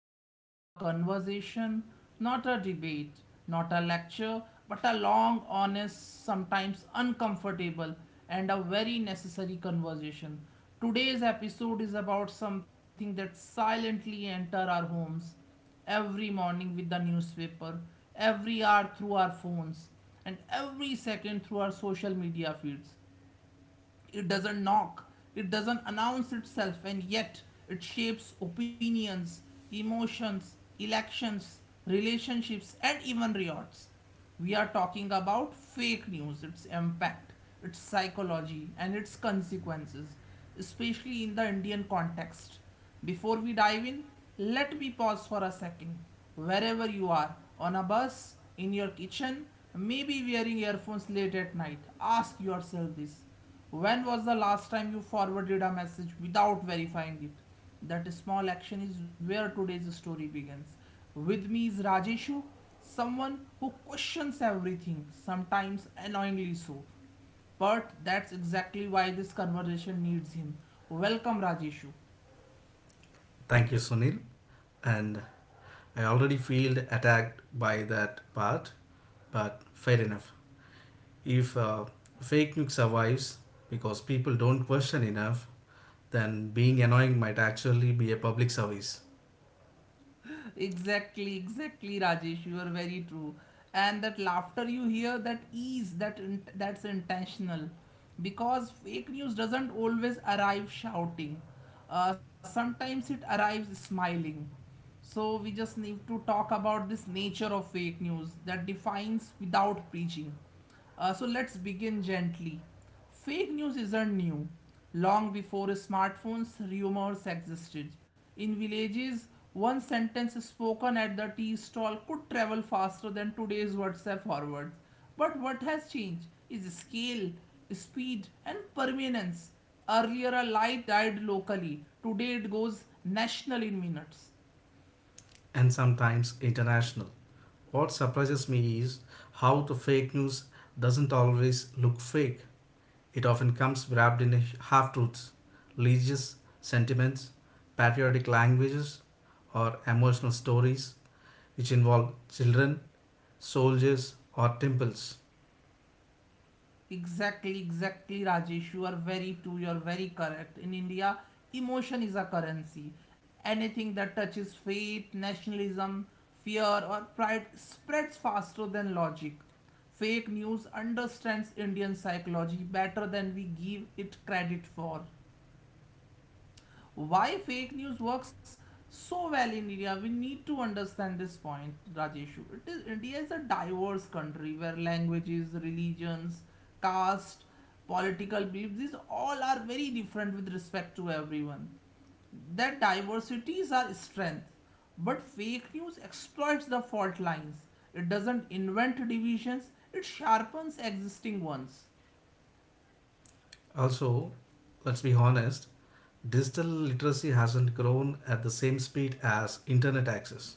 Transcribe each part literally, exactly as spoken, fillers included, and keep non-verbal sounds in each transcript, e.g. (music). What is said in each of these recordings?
listening to a conversation, not a debate, not a lecture, but a long, honest, sometimes uncomfortable, and a very necessary conversation. Today's episode is about something that silently enter our homes every morning with the newspaper, every hour through our phones, and every second through our social media feeds. It doesn't knock, it doesn't announce itself, and yet it shapes opinions, emotions, elections, relationships, and even riots. We are talking about fake news, its impact, its psychology, and its consequences, especially in the Indian context. Before we dive in, let me pause for a second. Wherever you are, on a bus, in your kitchen, maybe wearing earphones late at night, ask yourself this: when was the last time you forwarded a message without verifying it? That small action is where today's story begins. With me is Rajeshu, someone who questions everything, sometimes annoyingly so. But that's exactly why this conversation needs him. Welcome, Rajeshu. Thank you, Sunil. And I already feel attacked by that part, but fair enough. If uh, fake news survives because people don't question enough, then being annoying might actually be a public service exactly, exactly, Rajesh. You are very true. And that laughter you hear, that ease, that in- that's intentional, because fake news doesn't always arrive shouting. Uh, sometimes it arrives smiling. So we just need to talk about this nature of fake news that defines without preaching. Uh, so let's begin gently. Fake news isn't new. Long before smartphones, rumors existed. In villages, one sentence spoken at the tea stall could travel faster than today's WhatsApp forwards. But what has changed is scale, speed, and permanence. Earlier, a lie died locally. Today, it goes national in minutes. and sometimes international. What surprises me is how the fake news doesn't always look fake. It often comes wrapped in half truths, religious sentiments, patriotic languages, or emotional stories which involve children, soldiers, or temples. Exactly, exactly, Rajesh. You are very true. You are very correct. In India, emotion is a currency. Anything that touches faith, nationalism, fear, or pride spreads faster than logic. Fake news understands Indian psychology better than we give it credit for. Why fake news works so well in India? We need to understand this point, Rajeshu. It is India is a diverse country where languages, religions, caste, political beliefs, these all are very different with respect to everyone. That diversity is our strength. But fake news exploits the fault lines. It doesn't invent divisions, it sharpens existing ones. Also, let's be honest, digital literacy hasn't grown at the same speed as internet access.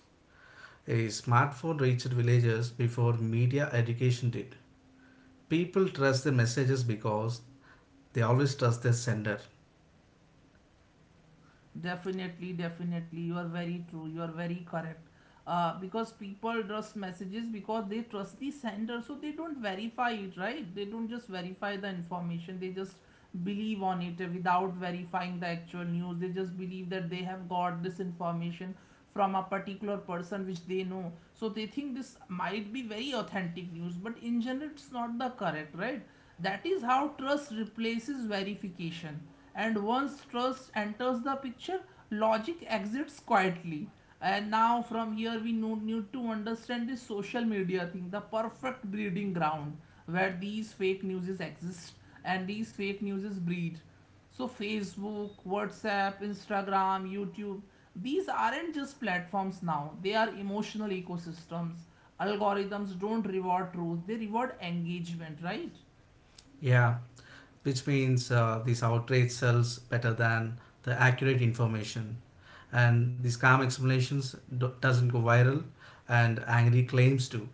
A smartphone reached villagers before media education did. People trust their messages because they always trust their sender. Definitely, definitely. You are very true. You are very correct. Uh, because people trust messages because they trust the sender, so they don't verify it, right? They don't just verify the information, they just believe on it uh, without verifying the actual news. They just believe that they have got this information from a particular person which they know. So they think this might be very authentic news, but in general, it's not the correct, right? That is how trust replaces verification, and once trust enters the picture, logic exits quietly. And now from here we no- need to understand the social media thing, the perfect breeding ground where these fake newses exist and these fake newses breed. So Facebook, WhatsApp, Instagram, YouTube, these aren't just platforms now, they are emotional ecosystems. Algorithms don't reward truth, they reward engagement, right? Yeah, which means uh, this outrage sells better than the accurate information. And these calm explanations do- doesn't go viral and angry claims do.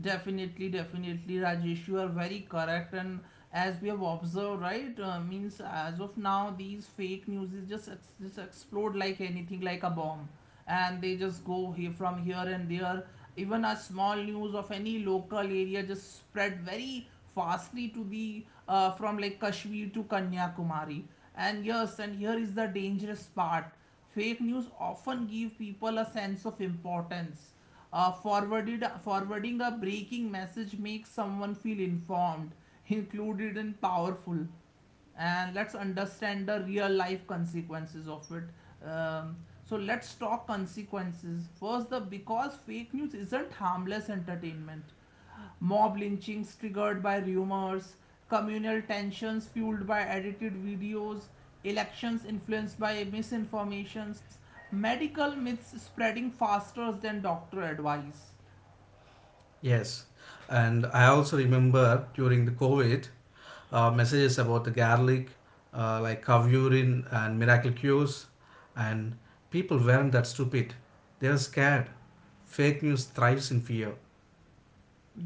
Definitely, definitely, Rajesh, you are very correct. And as we have observed, right, uh, means as of now, these fake news is just ex- just explode like anything, like a bomb, and they just go here from here and there. Even a small news of any local area just spread very fastly to the uh, from like Kashmir to Kanyakumari. And yes, and here is the dangerous part. Fake news often give people a sense of importance. Uh, forwarded, forwarding a breaking message makes someone feel informed, included, and powerful. And let's understand the real life consequences of it. Um, so let's talk consequences first. The Because fake news isn't harmless entertainment: mob lynchings triggered by rumors, communal tensions fueled by edited videos, elections influenced by misinformations, medical myths spreading faster than doctor advice. Yes, and I also remember during the COVID uh, messages about the garlic, uh, like cow urine and miracle cures, and people weren't that stupid. They were scared. Fake news thrives in fear.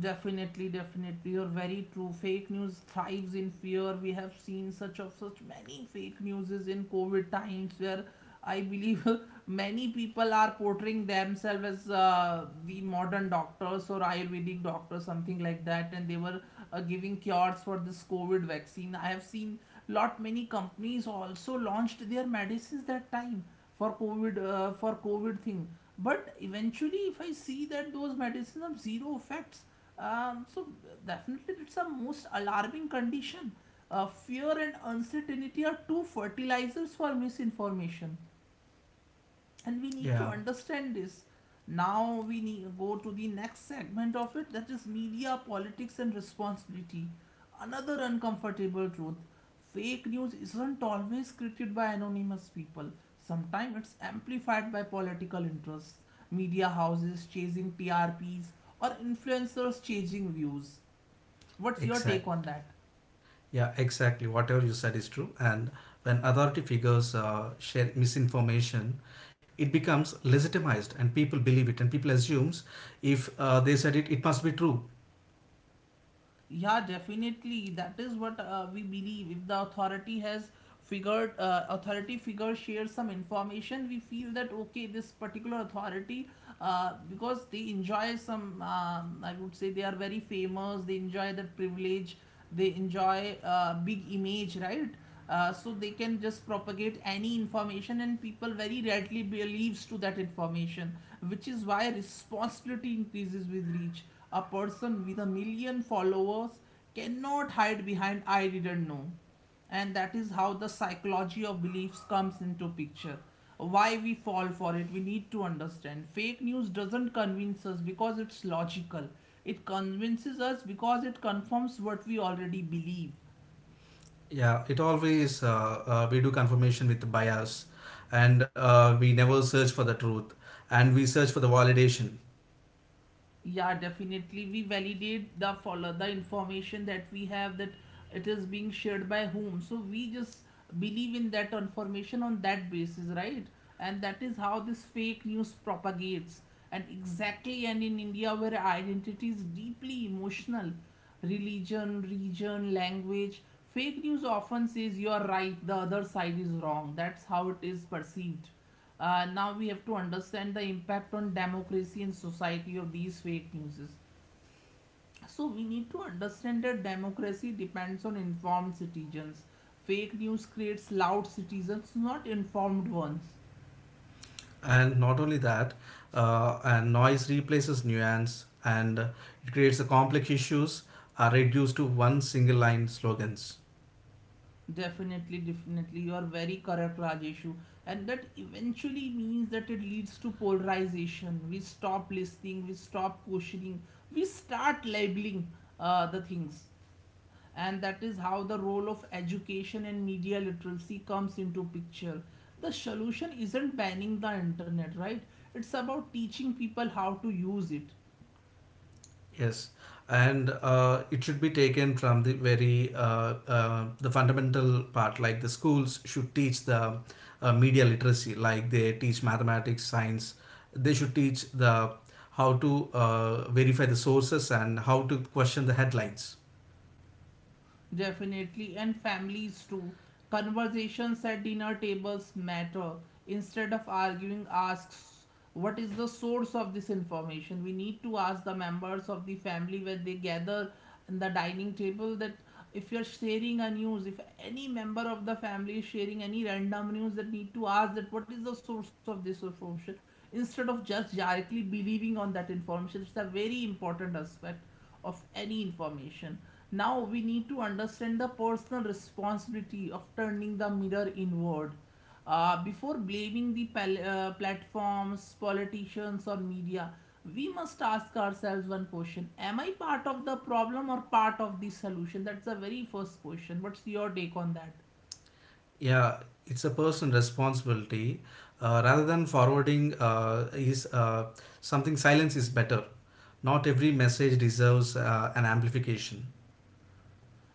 Definitely, definitely. You're very true. Fake news thrives in fear. We have seen such of such many fake newses in COVID times where I believe (laughs) many people are portraying themselves as uh, the modern doctors or Ayurvedic doctors, something like that, and they were uh, giving cures for this COVID vaccine. I have seen lot many companies also launched their medicines that time for covid uh, for covid thing. But eventually if I see that those medicines have zero effects. Um, so definitely it's a most alarming condition. Uh, fear and uncertainty are two fertilizers for misinformation, and we need to Yeah, understand this. Now we need, go to the next segment of it, that is media politics and responsibility. Another uncomfortable truth: fake news isn't always created by anonymous people, sometimes it's amplified by political interests, media houses chasing T R Ps, or influencers chasing views. What's your exact. take on that? Yeah, exactly. Whatever you said is true. And when authority figures uh, share misinformation, it becomes legitimized, and people believe it, and people assumes if uh, they said it, it must be true. Yeah, definitely. That is what uh, we believe. If the authority has figured, uh, authority figure shares some information, we feel that okay, this particular authority, uh, because they enjoy some, um, I would say they are very famous, they enjoy that privilege, they enjoy uh, big image, right? uh, so they can just propagate any information and people very readily believes to that information, which is why responsibility increases with reach. A person with a million followers cannot hide behind I didn't know. And that is how the psychology of beliefs comes into picture. Why we fall for it? We need to understand fake news doesn't convince us because it's logical, it convinces us because it confirms what we already believe. Yeah, it always uh, uh, we do confirmation with bias, and uh, we never search for the truth, and we search for the validation. Yeah, definitely. We validate the follow the information that we have, that it is being shared by whom. So we just believe in that information on that basis, right? And that is how this fake news propagates. And exactly, and in India, where identity is deeply emotional, religion, region, language, fake news often says you are right, the other side is wrong. That's how it is perceived. Uh, now we have to understand the impact on democracy and society of these fake newses. So we need to understand that democracy depends on informed citizens. Fake news creates loud citizens, not informed ones. And not only that, uh, and noise replaces nuance, and it creates the complex issues are reduced to one single line slogans. Definitely, definitely. You are very correct, Rajeshu. And that eventually means that it leads to polarization. We stop listening, we stop questioning, we start labeling uh, the things. And that is how the role of education and media literacy comes into picture. The solution isn't banning the internet, right? It's about teaching people how to use it. Yes, and uh, it should be taken from the very uh, uh, the fundamental part. Like the schools should teach the uh, media literacy, like they teach mathematics, science. They should teach the how to uh, verify the sources and how to question the headlines. Definitely, and families too. Conversations at dinner tables matter. Instead of arguing, asks what is the source of this information. We need to ask the members of the family when they gather in the dining table that if you're sharing a news, if any member of the family is sharing any random news, that need to ask that what is the source of this information, instead of just directly believing on that information. It's a very important aspect of any information. Now we need to understand the personal responsibility of turning the mirror inward. Uh, before blaming the pal- uh, platforms, politicians, or media, we must ask ourselves one question: Am I part of the problem or part of the solution? That's the very first question. What's your take on that? Yeah, it's a personal responsibility. Uh, rather than forwarding uh, is uh, something silence is better. Not every message deserves uh, an amplification.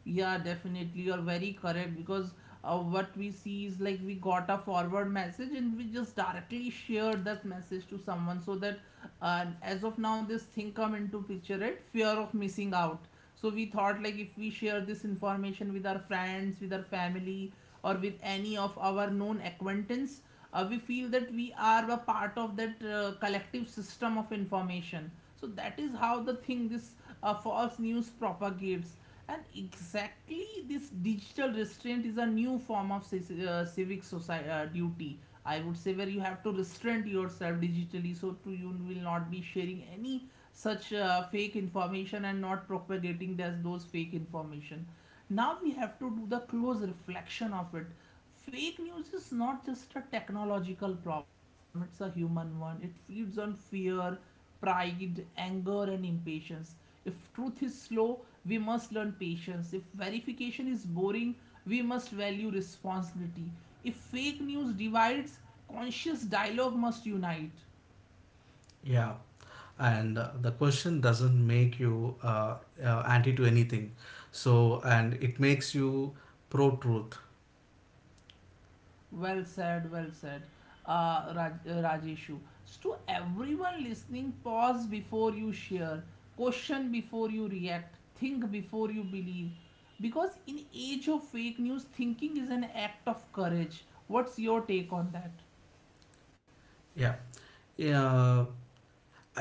Yeah, definitely. You're very correct because uh, what we see is like we got a forward message and we just directly shared that message to someone, so that uh, as of now this thing come into picture, right? Fear of missing out. So we thought like if we share this information with our friends, with our family, or with any of our known acquaintance, uh, we feel that we are a part of that uh, collective system of information. So that is how the thing this uh, false news propagates. And exactly, this digital restraint is a new form of ci- uh, civic society, uh, duty, I would say, where you have to restrain yourself digitally so to you will not be sharing any such uh, fake information and not propagating those, those fake information. Now we have to do the close reflection of it. Fake news is not just a technological problem, it's a human one. It feeds on fear, pride, anger, and impatience. If truth is slow, we must learn patience. If verification is boring, we must value responsibility. If fake news divides, conscious dialogue must unite. Yeah. and uh, the question doesn't make you uh, uh, anti to anything, so and it makes you pro truth. Well said, well said, uh, Raj- uh, Rajeshu. So, to everyone listening, pause before you share, question before you react, think before you believe. Because in age of fake news, thinking is an act of courage. What's your take on that? Yeah, yeah, uh, I,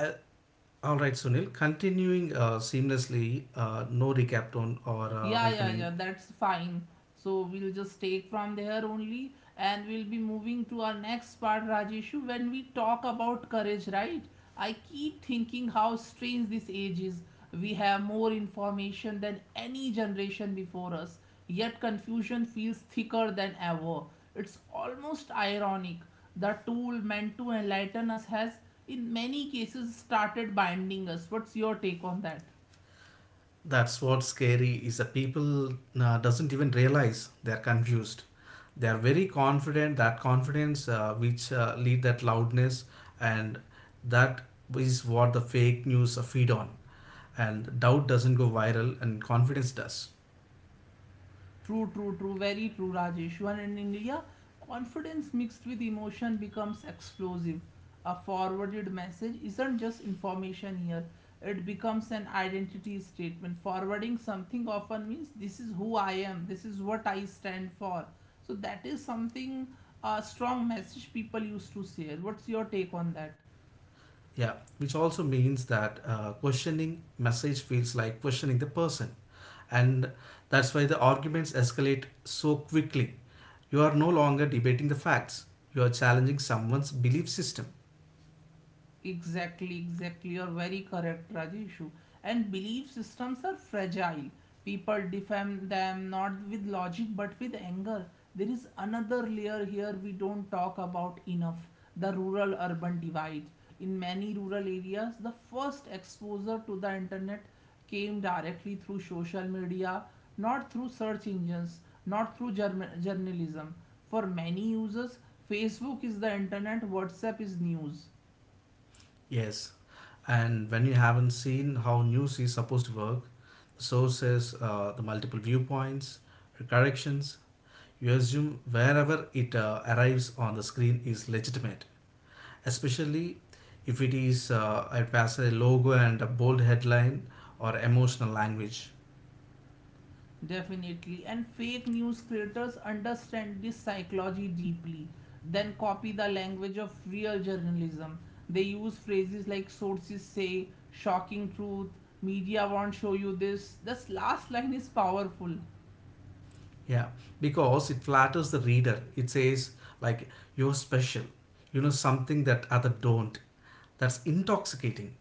all right, Sunil, continuing uh, seamlessly, uh, no recap tone or uh, Yeah, yeah, welcoming. yeah, that's fine. So we'll just take from there only and we'll be moving to our next part, Rajeshu, when we talk about courage, right? I keep thinking how strange this age is. We have more information than any generation before us, yet confusion feels thicker than ever. It's almost ironic. The tool meant to enlighten us has, in many cases, started binding us. What's your take on that? That's what's scary is that people uh, doesn't even realize they're confused. They are very confident, that confidence uh, which uh, lead that loudness, and that is what the fake news feed on, and doubt doesn't go viral and confidence does. True, true, true, very true, Rajesh. And in India, confidence mixed with emotion becomes explosive. A forwarded message isn't just information here, it becomes an identity statement. Forwarding something often means this is who I am, this is what I stand for. So, that is something a strong message people used to share. What's your take on that? Yeah, which also means that uh, questioning message feels like questioning the person, and that's why the arguments escalate so quickly. You are no longer debating the facts, you are challenging someone's belief system. Exactly, exactly. You're very correct, Rajeshu. And belief systems are fragile. People defend them not with logic but with anger. There is another layer here we don't talk about enough, the rural urban divide. In many rural areas, the first exposure to the internet came directly through social media, not through search engines, not through journa- journalism. For many users, Facebook is the internet, WhatsApp is news. Yes, and when you haven't seen how news is supposed to work, the sources, uh, the multiple viewpoints, corrections, you assume wherever it uh, arrives on the screen is legitimate, especially if it is uh, it has a logo and a bold headline or emotional language. Definitely. And fake news creators understand this psychology deeply, then copy the language of real journalism. They use phrases like sources say, shocking truth, media won't show you this. This last line is powerful. Yeah, because it flatters the reader. It says, like, you're special, you know something that other don't. That's intoxicating.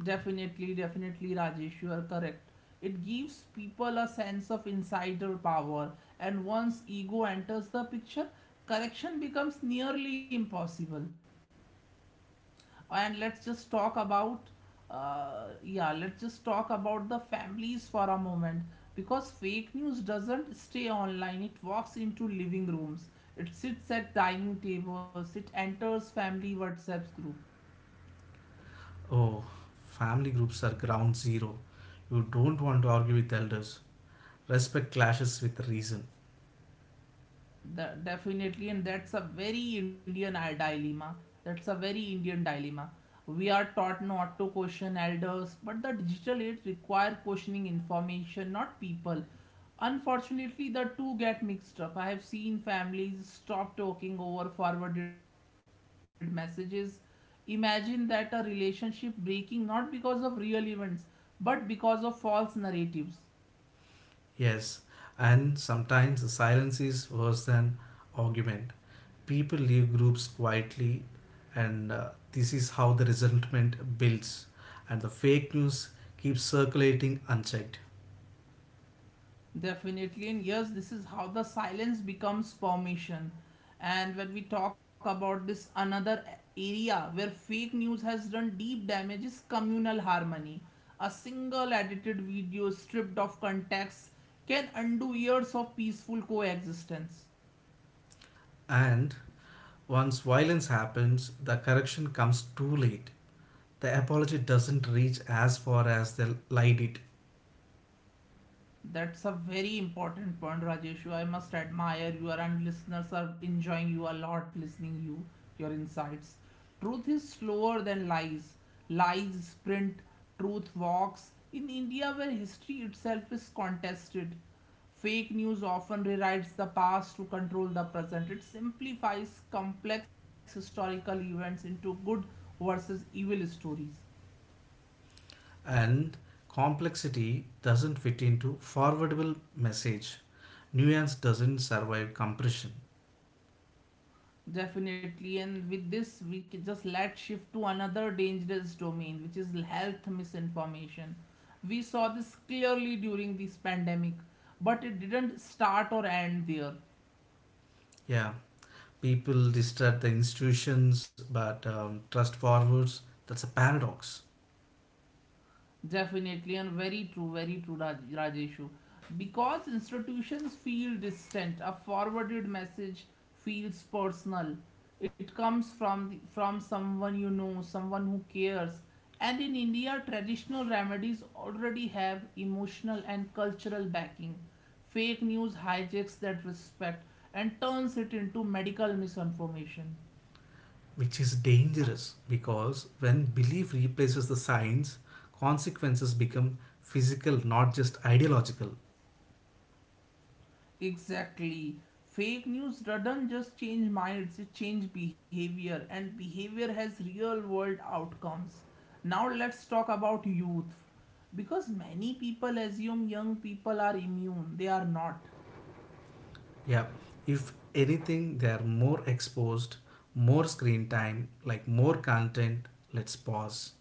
Definitely, definitely, Rajesh, you are correct. It gives people a sense of insider power, and once ego enters the picture, correction becomes nearly impossible. And let's just talk about, uh, yeah, let's just talk about the families for a moment, because fake news doesn't stay online, it walks into living rooms, it sits at dining tables, it enters family WhatsApps group. Oh, family groups are ground zero. You don't want to argue with elders. Respect clashes with reason. That definitely, and that's a very Indian i- dilemma. That's a very Indian dilemma. We are taught not to question elders, but the digital age require questioning information, not people. Unfortunately, the two get mixed up. I have seen families stop talking over forwarded messages. Imagine that, a relationship breaking not because of real events, but because of false narratives. Yes, and sometimes the silence is worse than argument. People leave groups quietly, and uh, this is how the resentment builds and the fake news keeps circulating unchecked. Definitely, and yes, this is how the silence becomes permission. And when we talk about this, another area where fake news has done deep damage is communal harmony. A single edited video stripped of context can undo years of peaceful coexistence. And once violence happens, the correction comes too late. The apology doesn't reach as far as they lied it. That's a very important point, Rajeshu. I must admire you, and listeners are enjoying you a lot, listening you, your insights. Truth is slower than lies. Lies sprint, truth walks. In India, where history itself is contested, fake news often rewrites the past to control the present. It simplifies complex historical events into good versus evil stories. And complexity doesn't fit into forwardable message. Nuance doesn't survive compression. Definitely, and with this, we can just, let's shift to another dangerous domain, which is health misinformation. We saw this clearly during this pandemic, but it didn't start or end there. Yeah, people distrust the institutions but um, trust forwards. That's a paradox. Definitely, and very true, very true, Raj- Rajeshu. Because institutions feel distant, a forwarded message feels personal. It comes from the, from someone you know, someone who cares. And in India, traditional remedies already have emotional and cultural backing. Fake news hijacks that respect and turns it into medical misinformation. Which is dangerous, because when belief replaces the science, consequences become physical, not just ideological. Exactly. Fake news doesn't just change minds, it changes behavior, and behavior has real world outcomes. Now, let's talk about youth. Because many people assume young people are immune, they are not. Yeah, if anything, they are more exposed, more screen time, like more content. Let's pause.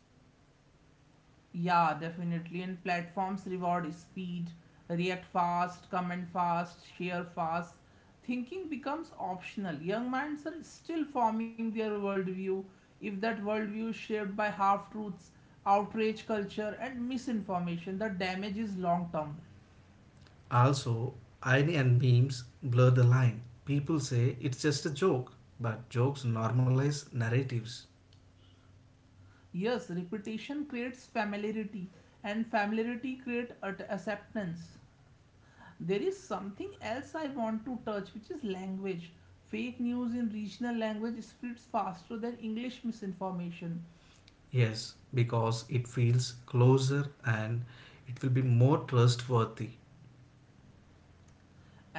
Yeah, definitely. And platforms reward speed, react fast, comment fast, share fast. Thinking becomes optional. Young minds are still forming their worldview. If that worldview is shaped by half truths, outrage culture, and misinformation, the damage is long term. Also, irony and memes blur the line. People say it's just a joke, but jokes normalize narratives. Yes, repetition creates familiarity, and familiarity creates acceptance. There is something else I want to touch, which is language. Fake news in regional language spreads faster than English misinformation, Yes, because it feels closer and it will be more trustworthy.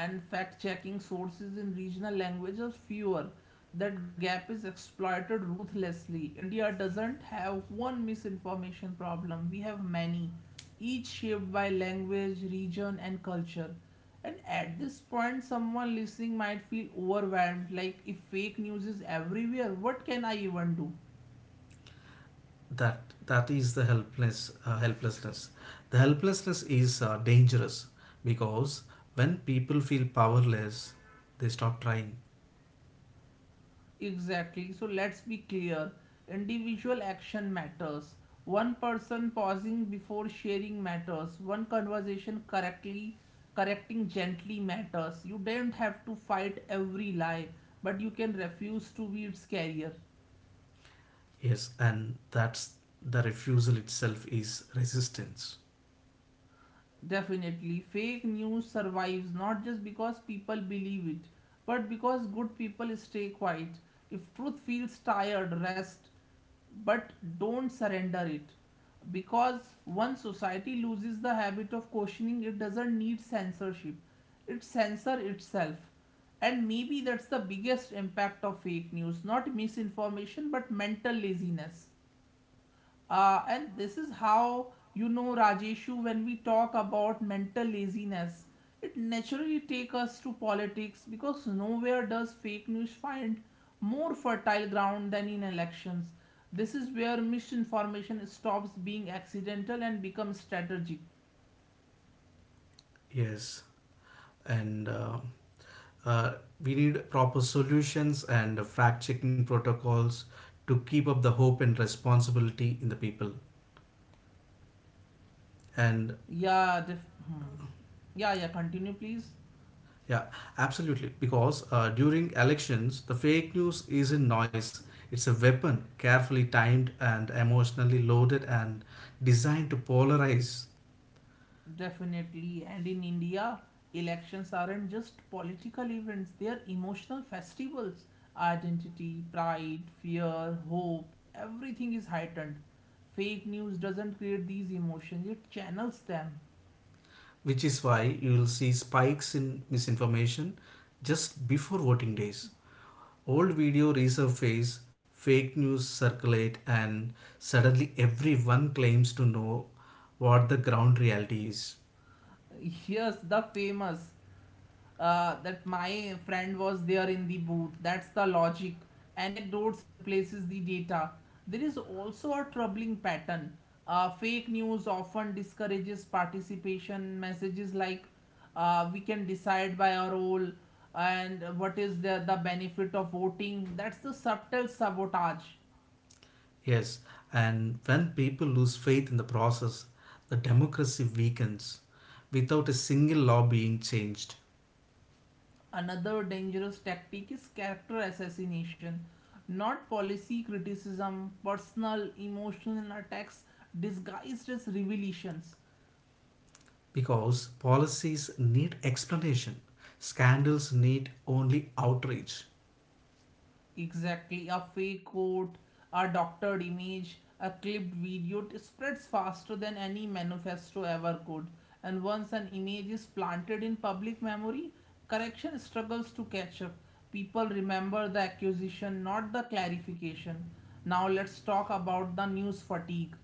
and fact checking sources in regional language are fewer. That gap is exploited ruthlessly. India doesn't have one misinformation problem, we have many, each shaped by language, region, and culture. And at this point, someone listening might feel overwhelmed, like, if fake news is everywhere, what can I even do? that that is the helpless uh, helplessness. The helplessness is uh, dangerous, because when people feel powerless they stop trying. Exactly. So let's be clear. Individual action matters. One person pausing before sharing matters. One conversation correctly correcting gently matters. You don't have to fight every lie, but you can refuse to be its carrier. Yes, and that's the refusal itself is resistance. Definitely, fake news survives not just because people believe it, but because good people stay quiet. If truth feels tired, rest, but don't surrender it. Because once society loses the habit of questioning, it doesn't need censorship, it censors itself. And maybe that's the biggest impact of fake news, not misinformation, but mental laziness. Uh, and this is how you know, Rajeshu, when we talk about mental laziness, it naturally takes us to politics, because nowhere does fake news find more fertile ground than in elections. This is where misinformation stops being accidental and becomes strategic. Yes, and uh, uh, we need proper solutions and fact checking protocols to keep up the hope and responsibility in the people, and Yeah, def- hmm. Yeah, yeah, continue please. yeah, absolutely. Because uh, during elections, the fake news isn't noise, it's a weapon carefully timed and emotionally loaded and designed to polarize, Definitely. And in India, elections aren't just political events, they are emotional festivals. Identity, pride, fear, hope, everything is heightened. Fake news doesn't create these emotions, it channels them. which is why you will see spikes in misinformation just before voting days. Old video resurface, fake news circulate, and suddenly everyone claims to know what the ground reality is. Here's the famous, uh, that my friend was there in the booth. That's the logic. Anecdotes replaces the data. There is also a troubling pattern. Uh, fake news often discourages participation. Messages like, uh, we can decide by our role and what is the, the benefit of voting. That's the subtle sabotage. Yes, and when people lose faith in the process, the democracy weakens without a single law being changed, Another dangerous tactic is character assassination, not policy criticism, personal, emotional attacks disguised as revelations. because policies need explanation, scandals need only outrage, Exactly, a fake quote, a doctored image, a clipped video, it spreads faster than any manifesto ever could. And once an image is planted in public memory, correction struggles to catch up. People remember the accusation, not the clarification. Now let's talk about the news fatigue.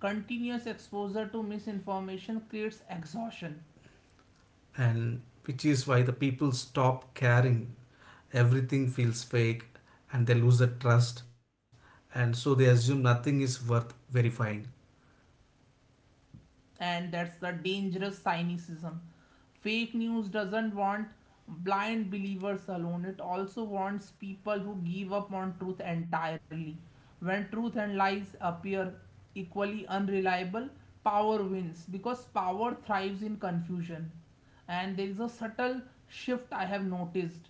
Continuous exposure to misinformation creates exhaustion. and which is why the people stop caring. Everything feels fake and they lose the trust, and so they assume nothing is worth verifying. And that's the dangerous cynicism. Fake news doesn't want blind believers alone, it also wants people who give up on truth entirely. When truth and lies appear equally unreliable, power wins, because power thrives in confusion. And there is a subtle shift I have noticed.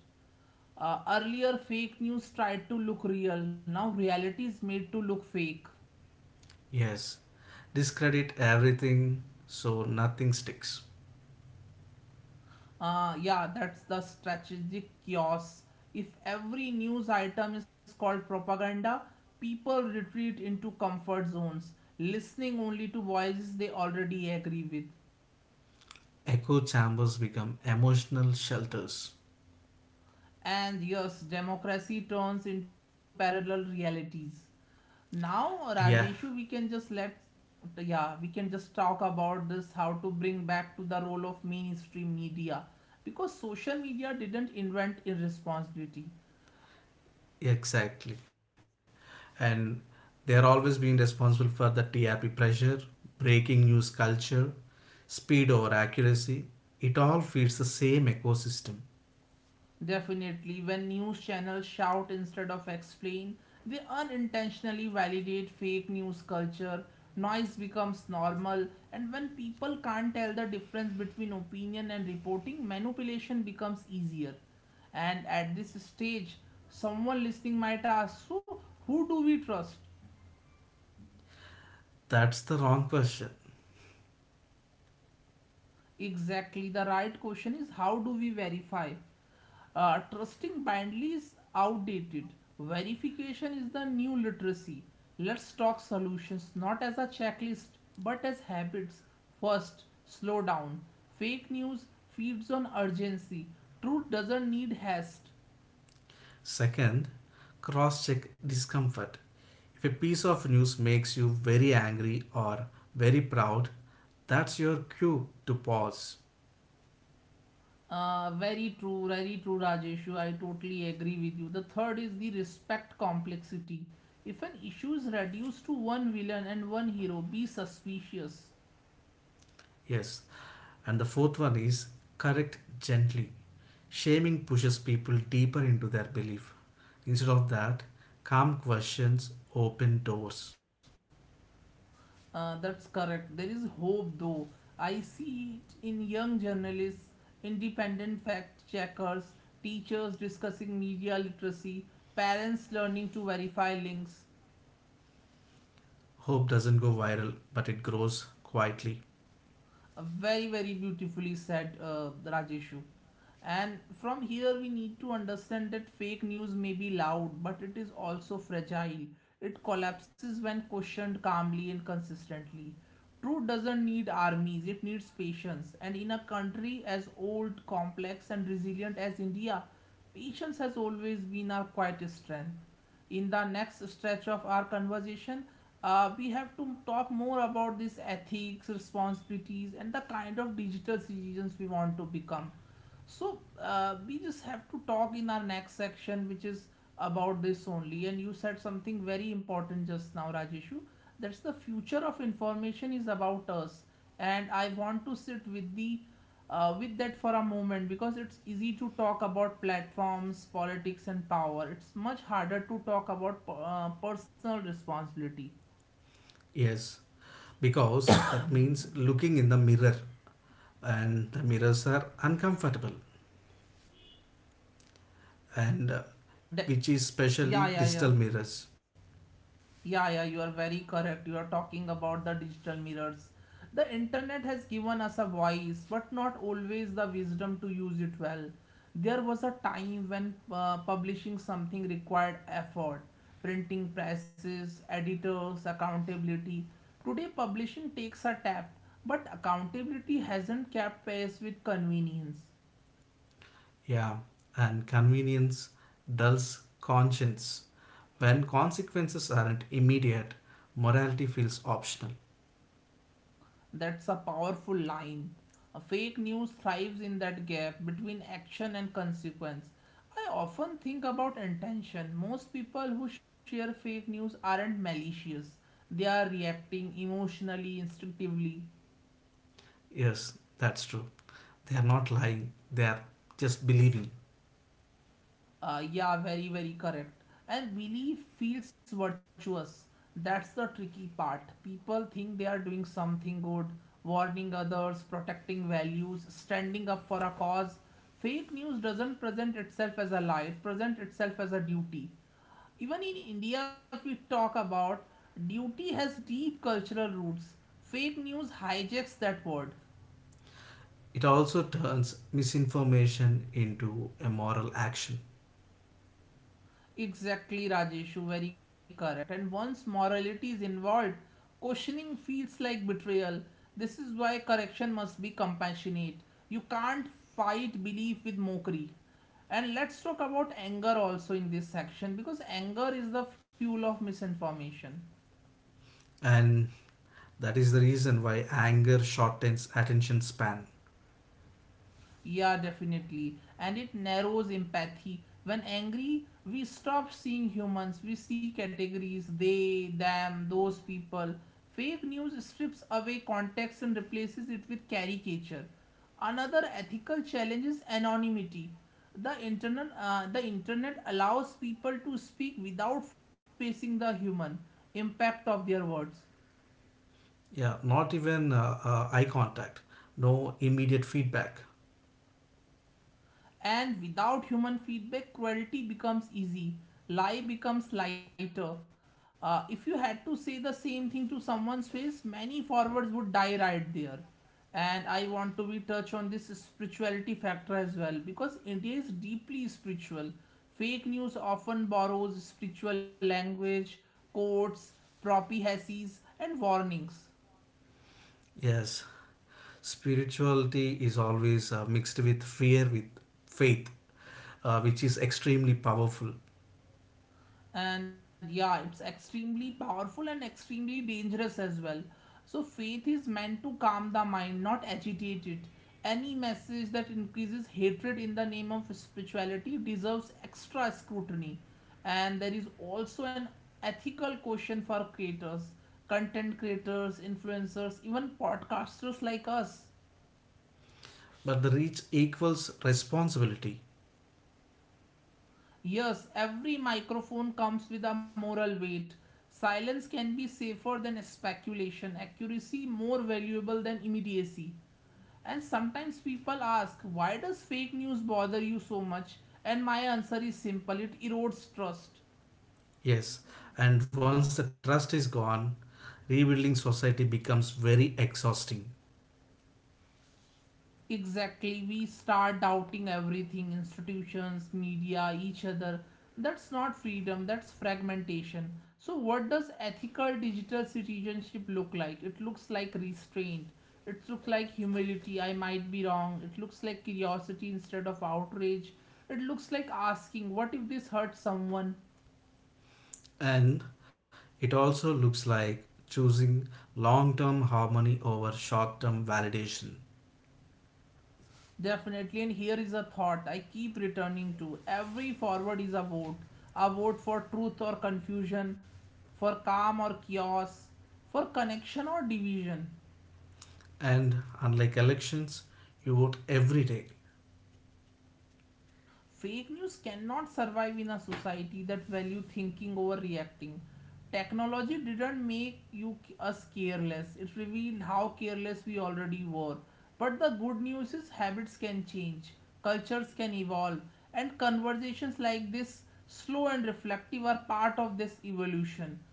Uh, earlier, fake news tried to look real, now, reality is made to look fake. Yes, discredit everything so nothing sticks. Uh, yeah, that's the strategic chaos. If every news item is called propaganda, people retreat into comfort zones, listening only to voices they already agree with. Echo chambers become emotional shelters. And yes, democracy turns into parallel realities. Now, Yeah, Rajeshu, we can just let, yeah, we can just talk about this, how to bring back to the role of mainstream media, because social media didn't invent irresponsibility. exactly. And they're always being responsible for the T R P pressure, breaking news culture, speed over accuracy. It all feeds the same ecosystem. Definitely, when news channels shout instead of explain, they unintentionally validate fake news culture. Noise becomes normal, and when people can't tell the difference between opinion and reporting, manipulation becomes easier. And at this stage, someone listening might ask, so, who do we trust? That's the wrong question. Exactly, the right question is how do we verify? Uh, trusting blindly is outdated. Verification is the new literacy. Let's talk solutions, not as a checklist but as habits. First, slow down. Fake news feeds on urgency. Truth doesn't need haste. Second, cross check discomfort. If a piece of news makes you very angry or very proud, that's your cue to pause. Uh, very true, very true, Rajeshu. I totally agree with you. The third is the respect complexity. If an issue is reduced to one villain and one hero, be suspicious. Yes. And the fourth one is correct gently. Shaming pushes people deeper into their belief. Instead of that, calm questions open doors. Uh, that's correct. There is hope, though. I see it in young journalists, independent fact checkers, teachers discussing media literacy, parents learning to verify links. Hope doesn't go viral, but it grows quietly. A very very beautifully said, uh, Rajeshu. And from here we need to understand that fake news may be loud, but it is also fragile. It collapses when questioned calmly and consistently. Truth doesn't need armies, it needs patience. And in a country as old, complex, and resilient as India, patience has always been our quietest strength. In the next stretch of our conversation, uh, we have to talk more about these ethics responsibilities and the kind of digital citizens we want to become. So, uh, we just have to talk in our next section, which is about this only. And you said something very important just now, Rajeshu. That's the future of information is about us, and I want to sit with the uh, with that for a moment, because it's easy to talk about platforms, politics, and power. It's much harder to talk about uh, personal responsibility. Yes, because that means looking in the mirror, and the mirrors are uncomfortable, and uh, De- which is especially yeah, yeah, yeah. digital mirrors. Yeah, yeah, you are very correct. You are talking about the digital mirrors. The internet has given us a voice, but not always the wisdom to use it well. There was a time when uh, publishing something required effort, printing presses, editors, accountability. Today, publishing takes a tap, but accountability hasn't kept pace with convenience. Yeah, and convenience dulls conscience. When consequences aren't immediate, morality feels optional. That's a powerful line. A fake news thrives in that gap between action and consequence. I often think about intention. Most people who share fake news aren't malicious, they are reacting emotionally, instinctively. Yes, that's true. They are not lying, they are just believing. Uh, yeah, very, very correct. And belief feels virtuous. That's the tricky part. People think they are doing something good, warning others, protecting values, standing up for a cause. Fake news doesn't present itself as a lie, it presents itself as a duty. Even in India, if we talk about, duty has deep cultural roots. Fake news hijacks that word. It also turns misinformation into a moral action. Exactly, Rajeshu, very correct. And once morality is involved, questioning feels like betrayal. This is why correction must be compassionate. You can't fight belief with mockery. And let's talk about anger also in this section, because anger is the fuel of misinformation. And that is the reason why anger shortens attention span. Yeah, definitely. And it narrows empathy. When angry, we stop seeing humans, we see categories they, them, those people. Fake news strips away context and replaces it with caricature. Another ethical challenge is anonymity. The internet, uh, the internet allows people to speak without facing the human impact of their words. Yeah, not even uh, uh, eye contact, no immediate feedback. And without human feedback, cruelty becomes easy, lie becomes lighter. Uh, if you had to say the same thing to someone's face, many forwards would die right there. And I want to be touch on this spirituality factor as well because India is deeply spiritual. Fake news often borrows spiritual language, quotes, prophecies, and warnings. Yes, spirituality is always uh, mixed with fear, with faith, uh, which is extremely powerful. And yeah, it's extremely powerful and extremely dangerous as well. So faith is meant to calm the mind, not agitate it. Any message that increases hatred in the name of spirituality deserves extra scrutiny. And there is also an ethical question for creators, content creators, influencers, even podcasters like us. But the reach equals responsibility. Yes, every microphone comes with a moral weight. Silence can be safer than speculation, accuracy more valuable than immediacy. And sometimes people ask, why does fake news bother you so much? And my answer is simple, it erodes trust. Yes, and once the trust is gone, rebuilding society becomes very exhausting. Exactly, we start doubting everything, institutions, media, each other. That's not freedom, that's fragmentation. So, what does ethical digital citizenship look like? It looks like restraint, it looks like humility. I might be wrong, it looks like curiosity instead of outrage. It looks like asking, what if this hurts someone? And it also looks like choosing long term harmony over short term validation. Definitely, and here is a thought I keep returning to. Every forward is a vote. A vote for truth or confusion, for calm or chaos, for connection or division. And unlike elections, you vote every day. Fake news cannot survive in a society that value thinking over reacting. Technology didn't make you us careless. It revealed how careless we already were. But the good news is habits can change, cultures can evolve, and conversations like this, slow and reflective, are part of this evolution.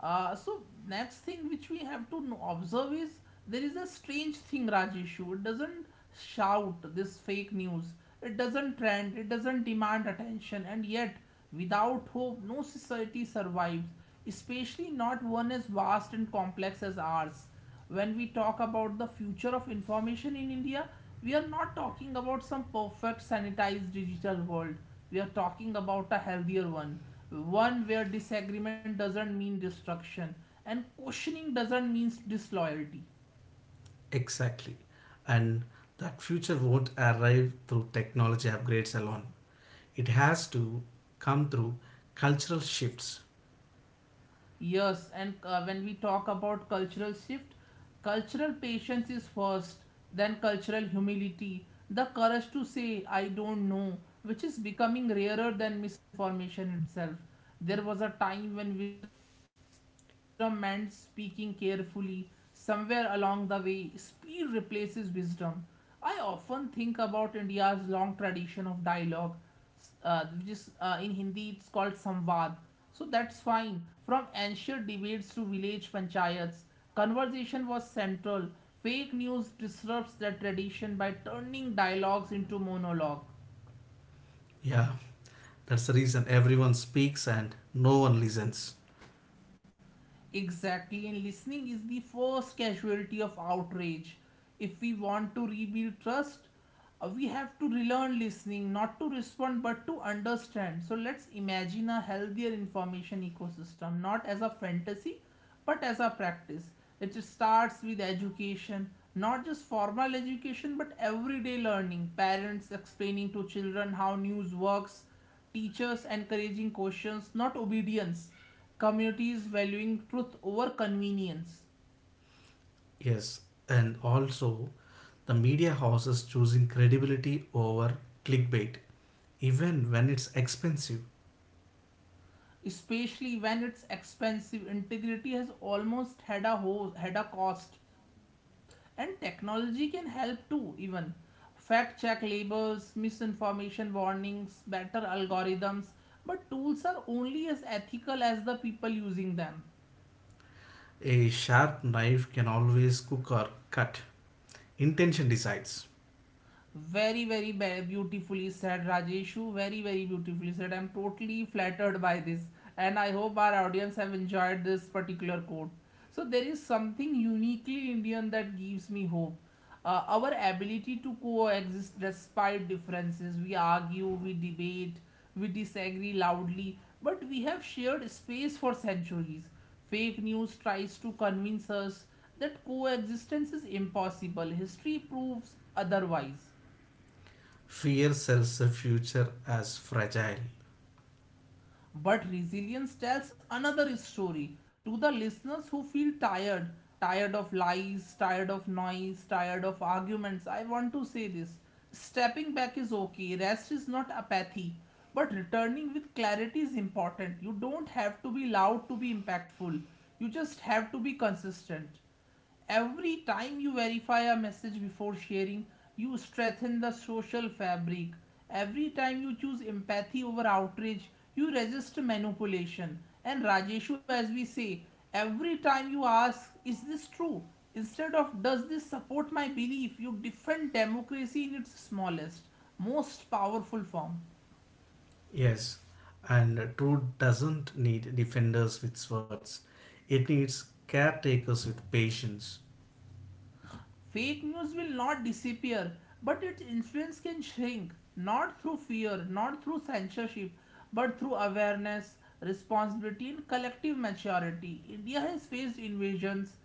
Uh, so next thing which we have to no- observe is there is a strange thing Raj issue. It doesn't shout this fake news. It doesn't trend. It doesn't demand attention. And yet, without hope, no society survives. Especially not one as vast and complex as ours. When we talk about the future of information in India, we are not talking about some perfect sanitized digital world. We are talking about a healthier one, one where disagreement doesn't mean destruction and questioning doesn't mean disloyalty. Exactly. And that future won't arrive through technology upgrades alone. It has to come through cultural shifts. Yes, and uh, when we talk about cultural shift, cultural patience is first, then cultural humility, the courage to say, I don't know, which is becoming rarer than misinformation itself. There was a time when wisdom meant speaking carefully. Somewhere along the way, speed replaces wisdom. I often think about India's long tradition of dialogue uh, which is uh, in Hindi it's called Samvad. So that's fine. From ancient debates to village panchayats, conversation was central. Fake news disrupts that tradition by turning dialogues into monologue. Yeah. That's the reason everyone speaks and no one listens. Exactly, and listening is the first casualty of outrage. If we want to rebuild trust, uh, we have to relearn listening, not to respond but to understand. So let's imagine a healthier information ecosystem, not as a fantasy but as a practice. It starts with education, not just formal education but everyday learning. Parents explaining to children how news works, teachers encouraging questions, not obedience. Communities valuing truth over convenience, Yes, and also the media houses choosing credibility over clickbait, even when it's expensive. especially when it's expensive, integrity has almost had a ho- had a cost, and technology can help too. Even fact check labels, misinformation warnings, better algorithms, but tools are only as ethical as the people using them. A sharp knife can always cook or cut. Intention decides. Very, very beautifully said, Rajeshu. Very, very beautifully said. I'm totally flattered by this, and I hope our audience have enjoyed this particular quote. So there is something uniquely Indian that gives me hope. Uh, our ability to coexist despite differences. We argue, we debate, we disagree loudly, but we have shared space for centuries. Fake news tries to convince us that coexistence is impossible. History proves otherwise. Fear sells the future as fragile. But resilience tells another story to the listeners who feel tired, tired of lies, tired of noise, tired of arguments. I want to say this, stepping back is okay, rest is not apathy. But returning with clarity is important. You don't have to be loud to be impactful. You just have to be consistent. Every time you verify a message before sharing, you strengthen the social fabric. Every time you choose empathy over outrage, you resist manipulation. And Rajeshu, as we say, every time you ask, is this true? Instead of does this support my belief, you defend democracy in its smallest, most powerful form. Yes, and truth doesn't need defenders with swords, it needs caretakers with patience. Fake news will not disappear, but its influence can shrink, not through fear, not through censorship, but through awareness, responsibility, and collective maturity. India has faced invasions,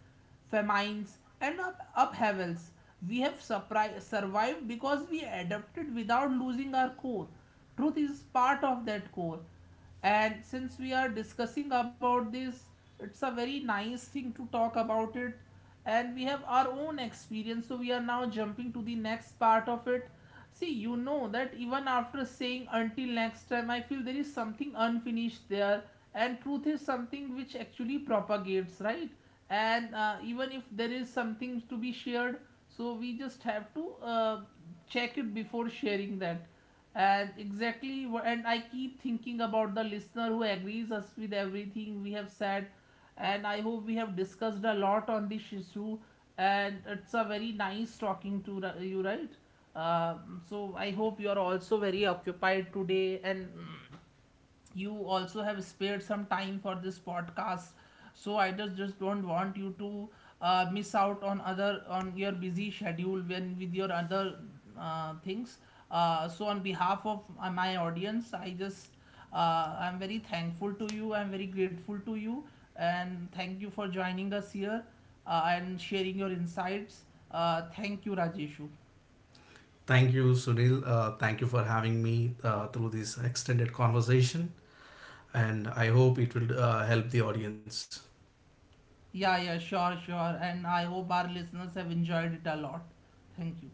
famines, and up- upheavals. We have surpri- survived because we adapted without losing our core. Truth is part of that core, and since we are discussing about this, it's a very nice thing to talk about it, and we have our own experience, so we are now jumping to the next part of it. See, you know that even after saying until next time, I feel there is something unfinished there, and truth is something which actually propagates, right? And uh, even if there is something to be shared, so we just have to uh, check it before sharing that. And exactly, and I keep thinking about the listener who agrees us with everything we have said, and I hope we have discussed a lot on this issue, and it's a very nice talking to ri- you, right? Um, so I hope you are also very occupied today, and mm, you also have spared some time for this podcast, so I just just don't want you to uh, miss out on other on your busy schedule when with your other uh, things. Uh, so on behalf of uh, my audience, I just uh, I'm very thankful to you, I'm very grateful to you, and thank you for joining us here, uh, and sharing your insights. Uh, thank you, Rajeshu. Thank you, Sunil. Uh, thank you for having me uh, through this extended conversation, and I hope it will uh, help the audience. Yeah, yeah, sure, sure, and I hope our listeners have enjoyed it a lot. Thank you.